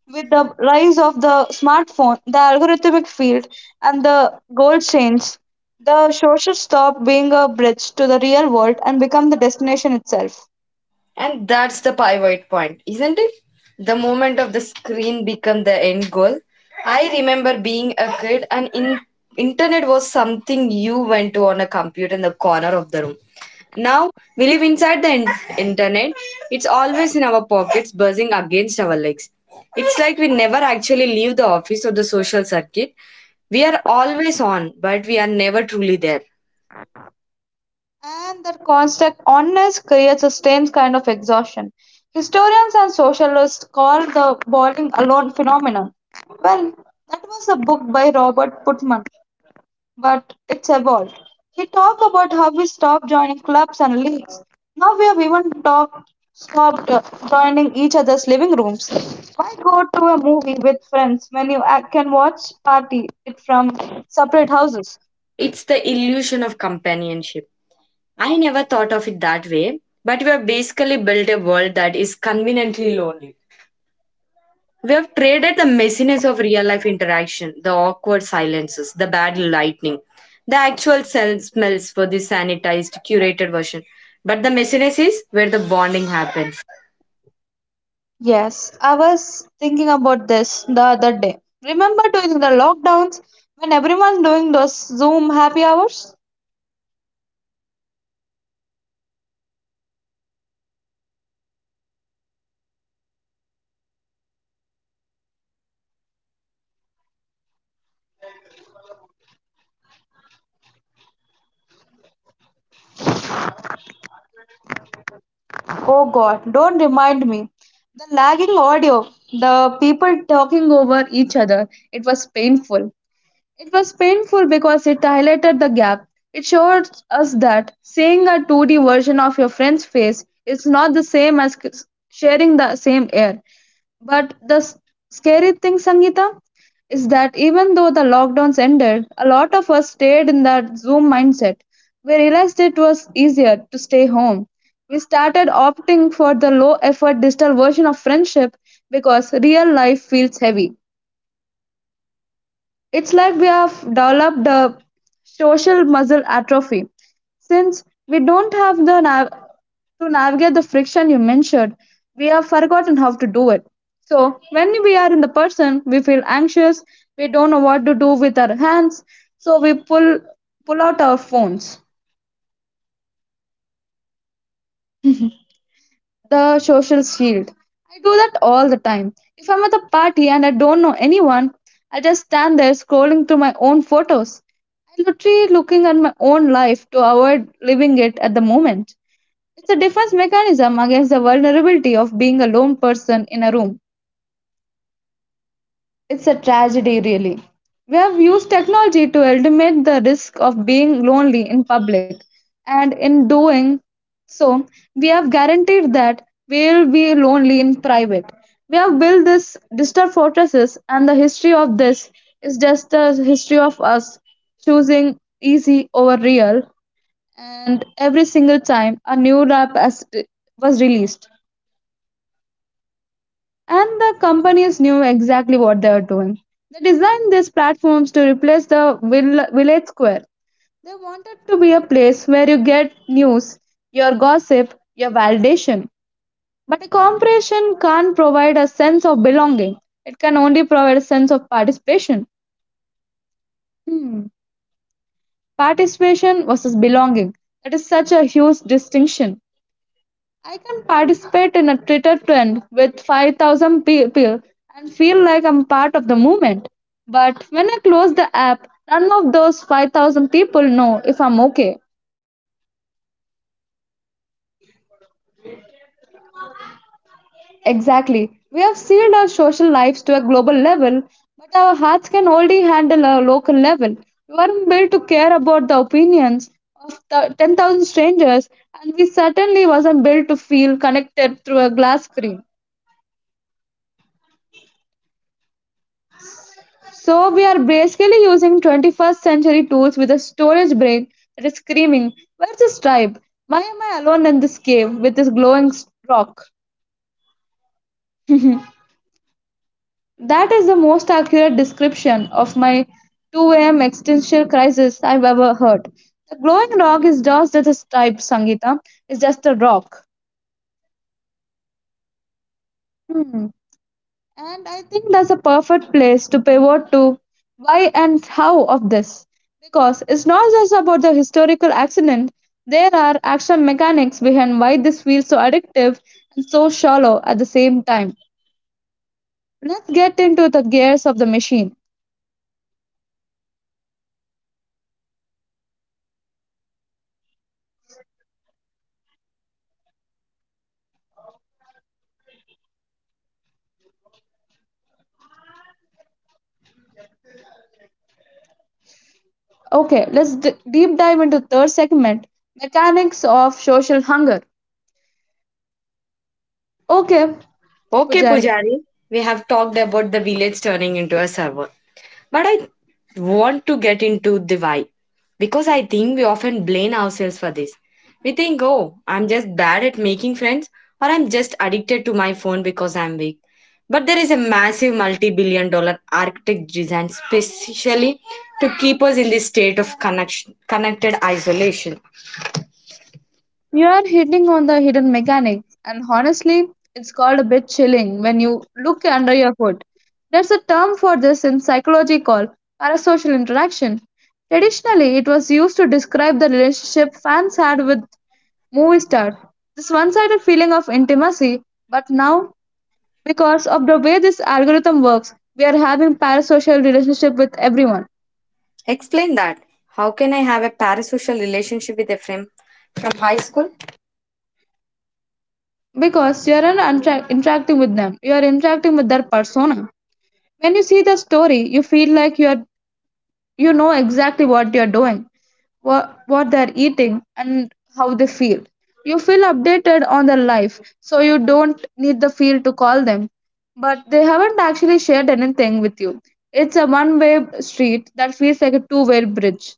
[SPEAKER 2] with the rise of the smartphone, the algorithmic field, and the goal change, the social stopped being a bridge to the real world and become the destination itself.
[SPEAKER 1] And that's the pivot point, isn't it? The moment of the screen become the end goal. I remember being a kid and in internet was something you went to on a computer in the corner of the room. Now we live inside the internet. It's always in our pockets, buzzing against our legs. It's like we never actually leave the office or the social circuit. We are always on, but we are never truly there.
[SPEAKER 2] And that constant oneness creates a strange kind of exhaustion. Historians and socialists call the bowling alone phenomenon. Well, that was a book by Robert Putman, but it's evolved. He talked about how we stopped joining clubs and leagues. Now we have even talked, stopped joining each other's living rooms. Why go to a movie with friends when you can watch party it from separate houses?
[SPEAKER 1] It's the illusion of companionship. I never thought of it that way, but we have basically built a world that is conveniently lonely. We have traded the messiness of real life interaction, the awkward silences, the bad lightning, the actual cell smells for the sanitized, curated version. But the messiness is where the bonding happens.
[SPEAKER 2] Yes, I was thinking about this the other day. Remember during the lockdowns when everyone doing those Zoom happy hours? Oh god, don't remind me. The lagging audio, the people talking over each other, it was painful. It was painful because it highlighted the gap. It showed us that seeing a 2D version of your friend's face is not the same as sharing the same air. But the scary thing, Sangeeta, is that even though the lockdowns ended, a lot of us stayed in that Zoom mindset. We realized it was easier to stay home. We started opting for the low effort digital version of friendship because real life feels heavy. It's like we have developed the social muscle atrophy. Since we don't have the to navigate the friction you mentioned, we have forgotten how to do it. So, when we are in the person, we feel anxious, we don't know what to do with our hands, so we pull out our phones. The social shield. I do that all the time. If I'm at a party and I don't know anyone, I just stand there scrolling through my own photos. I'm literally looking at my own life to avoid living it at the moment. It's a defense mechanism against the vulnerability of being a lone person in a room. It's a tragedy, really. We have used technology to eliminate the risk of being lonely in public, and in doing so, we have guaranteed that we'll be lonely in private. We have built this digital fortresses, and the history of this is just the history of us choosing easy over real. And every single time a new was released, and the companies knew exactly what they were doing. They designed these platforms to replace the village square. They wanted to be a place where you get news, your gossip, your validation. But a corporation can't provide a sense of belonging. It can only provide a sense of participation. Hmm. Participation versus belonging. That is such a huge distinction. I can participate in a Twitter trend with 5,000 people and feel like I'm part of the movement. But when I close the app, none of those 5,000 people know if I'm okay. Exactly. We have sealed our social lives to a global level, but our hearts can only handle a local level. We weren't built to care about the opinions of the 10,000 strangers, and we certainly wasn't built to feel connected through a glass screen. So we are basically using 21st century tools with a storage brain that is screaming, where's this tribe? Why am I alone in this cave with this glowing rock? That is the most accurate description of my 2 a.m. existential crisis I've ever heard. The glowing rock is just a tribe, Sangita. It's just a rock. Hmm. And I think that's a perfect place to pivot to why and how of this. Because it's not just about the historical accident, there are actual mechanics behind why this feels so addictive and so shallow at the same time. Let's get into the gears of the machine. Okay, let's deep dive into third segment, mechanics of social hunger. Okay,
[SPEAKER 1] Okay,
[SPEAKER 2] Pujari.
[SPEAKER 1] Pujari, we have talked about the village turning into a server. But I want to get into the why because I think we often blame ourselves for this. We think, oh, I'm just bad at making friends or I'm just addicted to my phone because I'm weak. But there is a massive multi billion-dollar architect design specially to keep us in this state of connection, connected isolation.
[SPEAKER 2] You are hitting on the hidden mechanics, and honestly, it's called a bit chilling when you look under your foot. There's a term for this in psychology called parasocial interaction. Traditionally, it was used to describe the relationship fans had with movie stars. This one sided feeling of intimacy, but now, because of the way this algorithm works, we are having parasocial relationship with everyone.
[SPEAKER 1] Explain that. How can I have a parasocial relationship with a friend from high school?
[SPEAKER 2] Because you aren't interacting with them, you are interacting with their persona. When you see the story, you feel like you know exactly what you're doing, what they're eating, and how they feel. You feel updated on their life, so you don't need the field to call them. But they haven't actually shared anything with you. It's a one-way street that feels like a two-way bridge.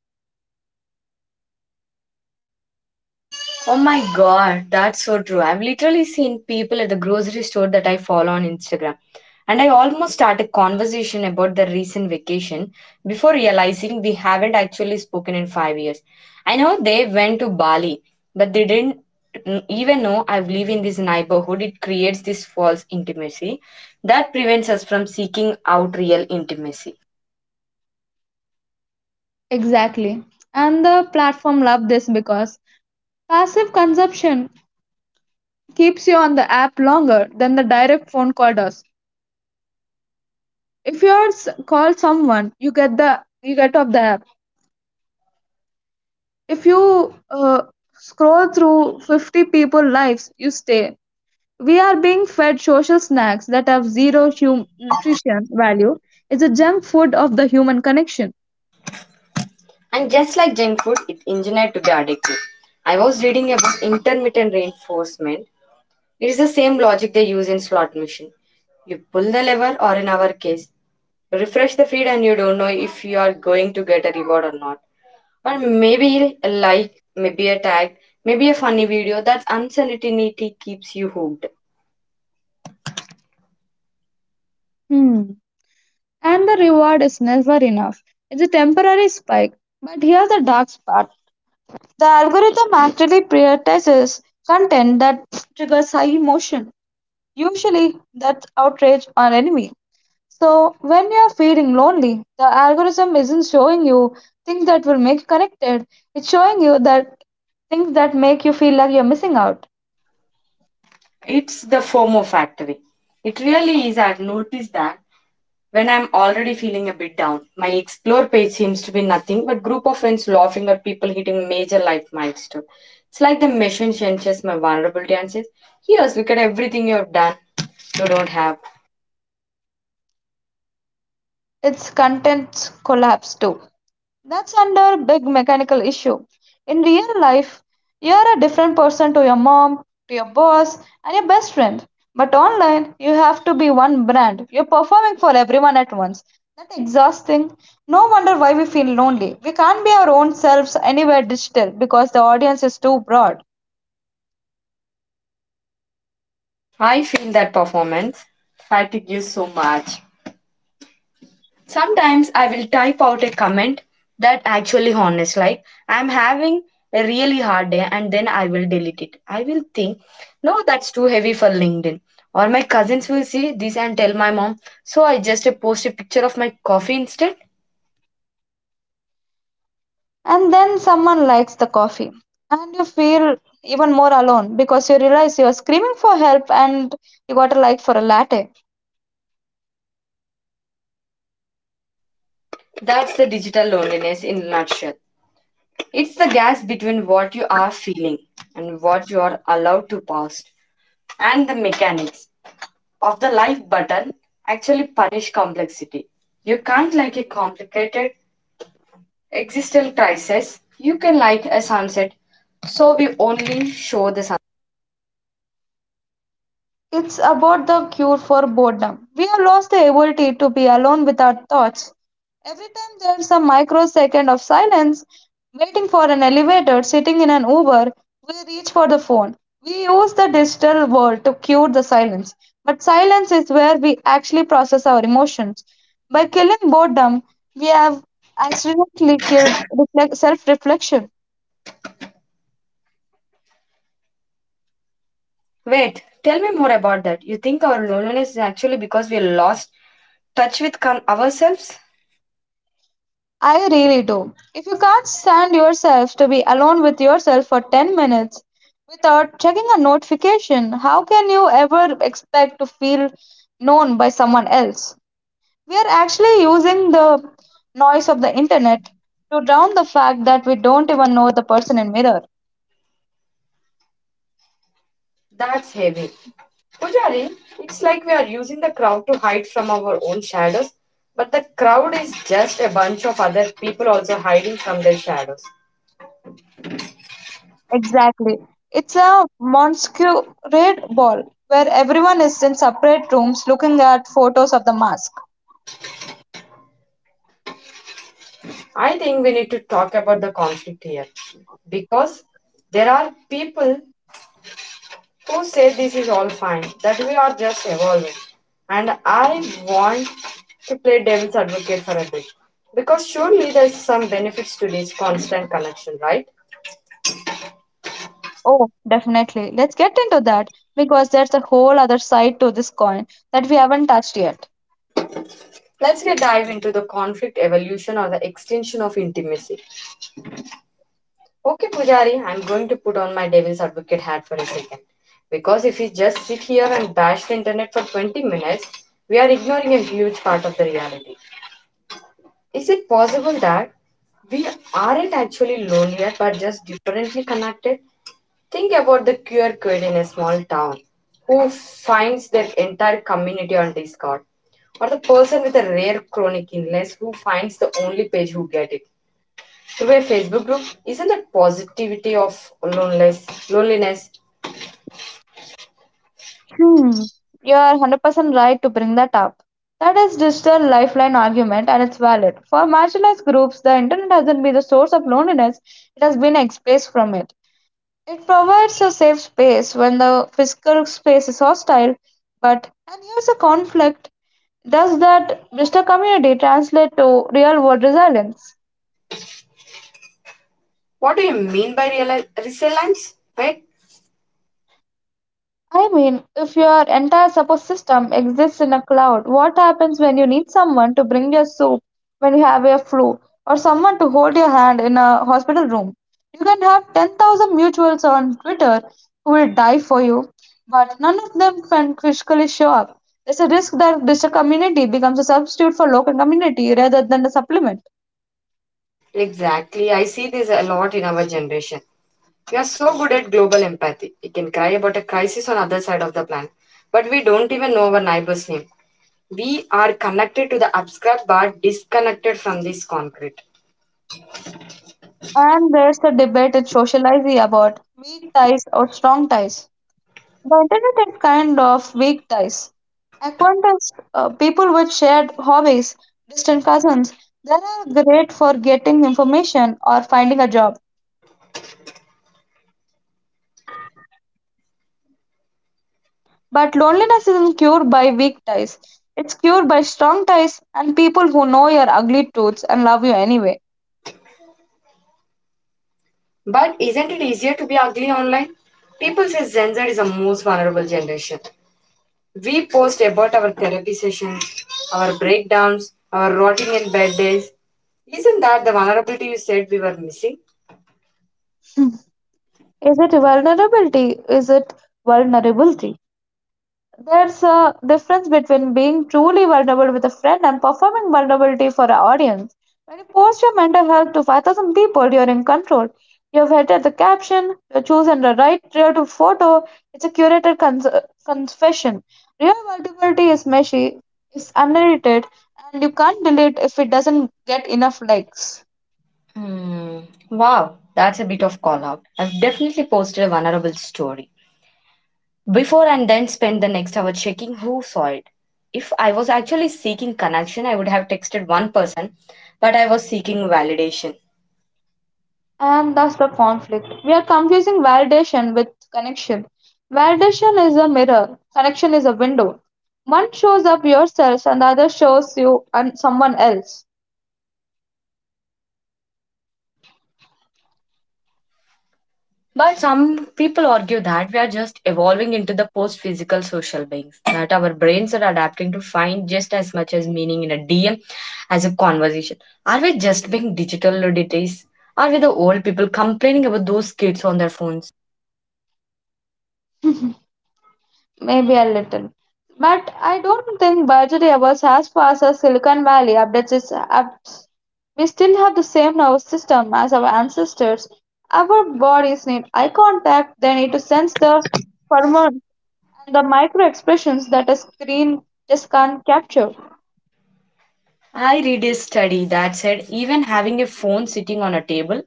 [SPEAKER 1] Oh my god, that's so true. I've literally seen people at the grocery store that I follow on Instagram. And I almost start a conversation about their recent vacation before realizing we haven't actually spoken in 5 years. I know they went to Bali, but they didn't even know I live in this neighborhood. It creates this false intimacy that prevents us from seeking out real intimacy.
[SPEAKER 2] Exactly. And the platform love this because passive consumption keeps you on the app longer than the direct phone call does. If you are s- call someone, you get the you get off the app. If you uh, scroll through 50 people lives, you stay. We are being fed social snacks that have zero hum- nutrition value. It's a junk food of the human connection.
[SPEAKER 1] And just like junk food, it's engineered to be addictive. I was reading about intermittent reinforcement. It is the same logic they use in slot machine. You pull the lever, or in our case, refresh the feed, and you don't know if you are going to get a reward or not. Or maybe a like, maybe a tag, maybe a funny video. That uncertainty keeps you hooked.
[SPEAKER 2] Hmm. And the reward is never enough. It's a temporary spike. But here's the dark part. The algorithm actually prioritizes content that triggers high emotion, usually that's outrage or envy. So when you're feeling lonely, the algorithm isn't showing you things that will make you connected. It's showing you that things that make you feel like you're missing out.
[SPEAKER 1] It's the FOMO factory. It really is. I've noticed that when I'm already feeling a bit down, my explore page seems to be nothing but group of friends laughing at people hitting major life milestone. It's like the machine senses my vulnerability and says, "Here's look at everything you've done. You don't have."
[SPEAKER 2] It's contents collapse too. That's under big mechanical issue. In real life, you're a different person to your mom, to your boss, and your best friend. But online, you have to be one brand. You're performing for everyone at once. That's exhausting. No wonder why we feel lonely. We can't be our own selves anywhere digital because the audience is too broad.
[SPEAKER 1] I feel that performance fatigue you so much. Sometimes I will type out a comment that actually honest, like I'm having a really hard day, and then I will delete it. I will think, no, that's too heavy for LinkedIn. Or my cousins will see this and tell my mom, so I just post a picture of my coffee instead.
[SPEAKER 2] And then someone likes the coffee, and you feel even more alone because you realize you are screaming for help and you got a like for a latte.
[SPEAKER 1] That's the digital loneliness in a nutshell. It's the gas between what you are feeling and what you are allowed to post and the mechanics of the life button actually punish complexity. You can't like a complicated existential crisis. You can like a sunset. So we only show the sun.
[SPEAKER 2] It's about the cure for boredom. We have lost the ability to be alone with our thoughts. Every time there's a microsecond of silence, waiting for an elevator, sitting in an Uber, we reach for the phone. We use the digital world to cure the silence. But silence is where we actually process our emotions. By killing boredom, we have accidentally killed reflect- self reflection.
[SPEAKER 1] Wait, tell me more about that. You think our loneliness is actually because we lost touch with ourselves?
[SPEAKER 2] I really do. If you can't stand yourself to be alone with yourself for 10 minutes without checking a notification, how can you ever expect to feel known by someone else? We are actually using the noise of the internet to drown the fact that we don't even know the person in mirror.
[SPEAKER 1] That's heavy. Pujari, it's like we are using the crowd to hide from our own shadows, but the crowd is just a bunch of other people also hiding from their shadows.
[SPEAKER 2] Exactly. It's a masquerade ball where everyone is in separate rooms looking at photos of the mask.
[SPEAKER 1] I think we need to talk about the conflict here because there are people who say this is all fine, that we are just evolving. And I want to play devil's advocate for a bit because surely there's some benefits to this constant connection, right?
[SPEAKER 2] Oh, definitely. Let's get into that because there's a whole other side to this coin that we haven't touched yet.
[SPEAKER 1] Let's get dive into the conflict evolution or the extension of intimacy. Okay, Pujari, I'm going to put on my devil's advocate hat for a second. Because if we just sit here and bash the internet for 20 minutes, we are ignoring a huge part of the reality. Is it possible that we aren't actually lonelier but just differently connected? Think about the queer kid in a small town who finds their entire community on Discord, or the person with a rare chronic illness who finds the only page who get it through a Facebook group. Isn't that positivity of loneliness? Loneliness.
[SPEAKER 2] Hmm. You are 100% right to bring that up. That is digital lifeline argument and it's valid. For marginalized groups, the internet hasn't been the source of loneliness, it has been escaped from it. It provides a safe space when the physical space is hostile, but and here's a conflict. Does that digital community translate to real world resilience?
[SPEAKER 1] What do you mean by resilience? Right?
[SPEAKER 2] I mean, if your entire support system exists in a cloud, what happens when you need someone to bring your soup when you have a flu, or someone to hold your hand in a hospital room? You can have 10,000 mutuals on Twitter who will die for you, but none of them can physically show up. There's a risk that this community becomes a substitute for local community rather than a supplement.
[SPEAKER 1] Exactly. I see this a lot in our generation. We are so good at global empathy. We can cry about a crisis on other side of the planet, but we don't even know our neighbor's name. We are connected to the abstract but disconnected from this concrete.
[SPEAKER 2] And there's the debate in sociology about weak ties or strong ties. The internet had kind of weak ties. Acquaintance, people with shared hobbies, distant cousins, they are great for getting information or finding a job. But loneliness isn't cured by weak ties. It's cured by strong ties and people who know your ugly truths and love you anyway.
[SPEAKER 1] But isn't it easier to be ugly online? People say Gen Z is the most vulnerable generation. We post about our therapy sessions, our breakdowns, our rotting in bed days. Isn't that the vulnerability you said we were missing?
[SPEAKER 2] Is it vulnerability? There's a difference between being truly vulnerable with a friend and performing vulnerability for an audience. When you post your mental health to 5,000 people, you're in control. You've edited the caption, you've chosen the right rear to photo, it's a curated cons- confession. Real vulnerability is meshy, it's unedited, and you can't delete if it doesn't get enough likes.
[SPEAKER 1] Hmm. Wow, that's a bit of call out. I've definitely posted a vulnerable story before and then spent the next hour checking who saw it. If I was actually seeking connection, I would have texted one person, but I was seeking validation.
[SPEAKER 2] And that's the conflict. We are confusing validation with connection. Validation is a mirror, connection is a window. One shows up yourself, and the other shows you and someone else.
[SPEAKER 1] But some people argue that we are just evolving into the post physical social beings, that our brains are adapting to find just as much as meaning in a DM as a conversation. Are we just being digital luddites? Are we the old people complaining about those kids on their phones?
[SPEAKER 2] Maybe a little. But I don't think Burgery was as fast as Silicon Valley updates its apps. We still have the same nervous system as our ancestors. Our bodies need eye contact, they need to sense the hormones and the micro expressions that a screen just can't capture.
[SPEAKER 1] I read a study that said even having a phone sitting on a table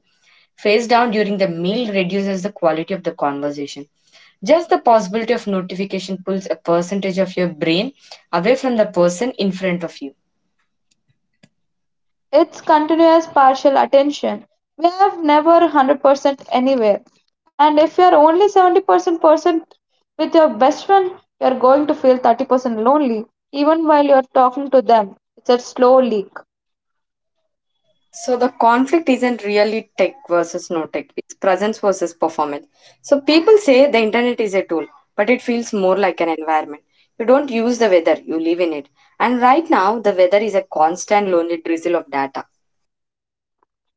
[SPEAKER 1] face down during the meal reduces the quality of the conversation. Just the possibility of notification pulls a percentage of your brain away from the person in front of you.
[SPEAKER 2] It's continuous partial attention. We have never 100% anywhere. And if you're only 70% percent with your best friend, you're going to feel 30% lonely even while you're talking to them. It's a slow leak.
[SPEAKER 1] So the conflict isn't really tech versus no tech. It's presence versus performance. So people say the internet is a tool, but it feels more like an environment. You don't use the weather, you live in it. And right now, the weather is a constant lonely drizzle of data.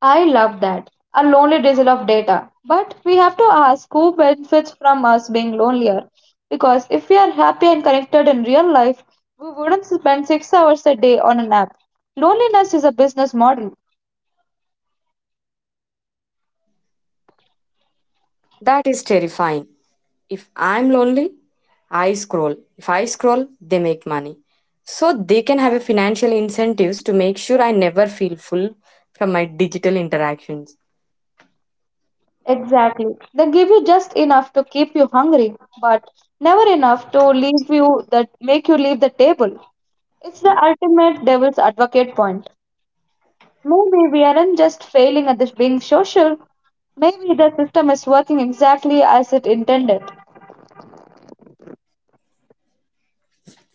[SPEAKER 2] I love that. A lonely drizzle of data. But we have to ask who benefits from us being lonelier. Because if we are happy and connected in real life, we wouldn't spend 6 hours a day on an app. Loneliness is a business model.
[SPEAKER 1] That is terrifying. If I'm lonely, I scroll. If I scroll, they make money. So they can have a financial incentives to make sure I never feel full from my digital interactions.
[SPEAKER 2] Exactly. They give you just enough to keep you hungry, but never enough to leave you that make you leave the table. It's the ultimate devil's advocate point. Maybe we aren't just failing at this being social. Maybe the system is working exactly as it intended.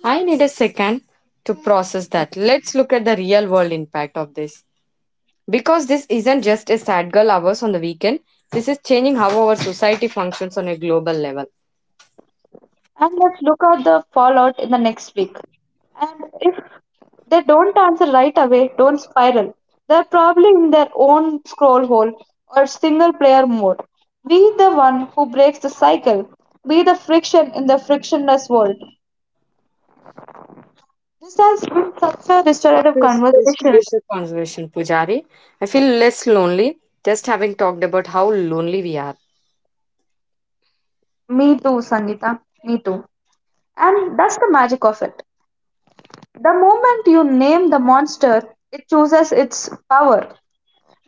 [SPEAKER 1] I need a second to process that. Let's look at the real world impact of this. Because this isn't just a sad girl hours on the weekend, this is changing how our society functions on a global level.
[SPEAKER 2] And let's look at the fallout in the next week. And if they don't answer right away, don't spiral. They're probably in their own scroll hole or single player mode. Be the one who breaks the cycle. Be the friction in the frictionless world. This has been such a restorative
[SPEAKER 1] Yes, yes,
[SPEAKER 2] conversation.
[SPEAKER 1] Conservation Pujari. I feel less lonely just having talked about how lonely we are.
[SPEAKER 2] Me too, Sangeeta. Me too. And that's the magic of it. The moment you name the monster, it chooses its power.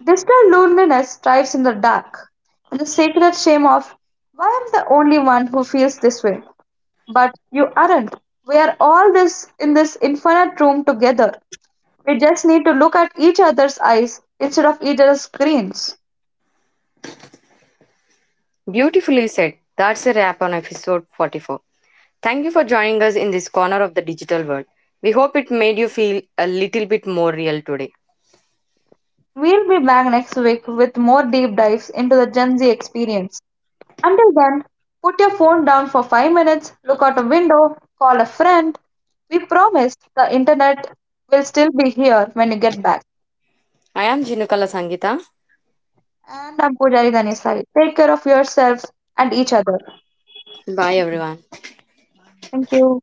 [SPEAKER 2] Digital loneliness thrives in the dark, and the sacred shame of, why am the only one who feels this way? But you aren't. We are all this in this infinite room together. We just need to look at each other's eyes instead of each other's screens.
[SPEAKER 1] Beautifully said. That's a wrap on episode 44. Thank you for joining us in this corner of the digital world. We hope it made you feel a little bit more real today.
[SPEAKER 2] We'll be back next week with more deep dives into the Gen Z experience. Until then, put your phone down for 5 minutes, look out a window, call a friend. We promise the internet will still be here when you get back.
[SPEAKER 1] I am Jinukala Sangita.
[SPEAKER 2] And I'm Pujari Dhanisai. Take care of yourselves and each other.
[SPEAKER 1] Bye everyone.
[SPEAKER 2] Thank you.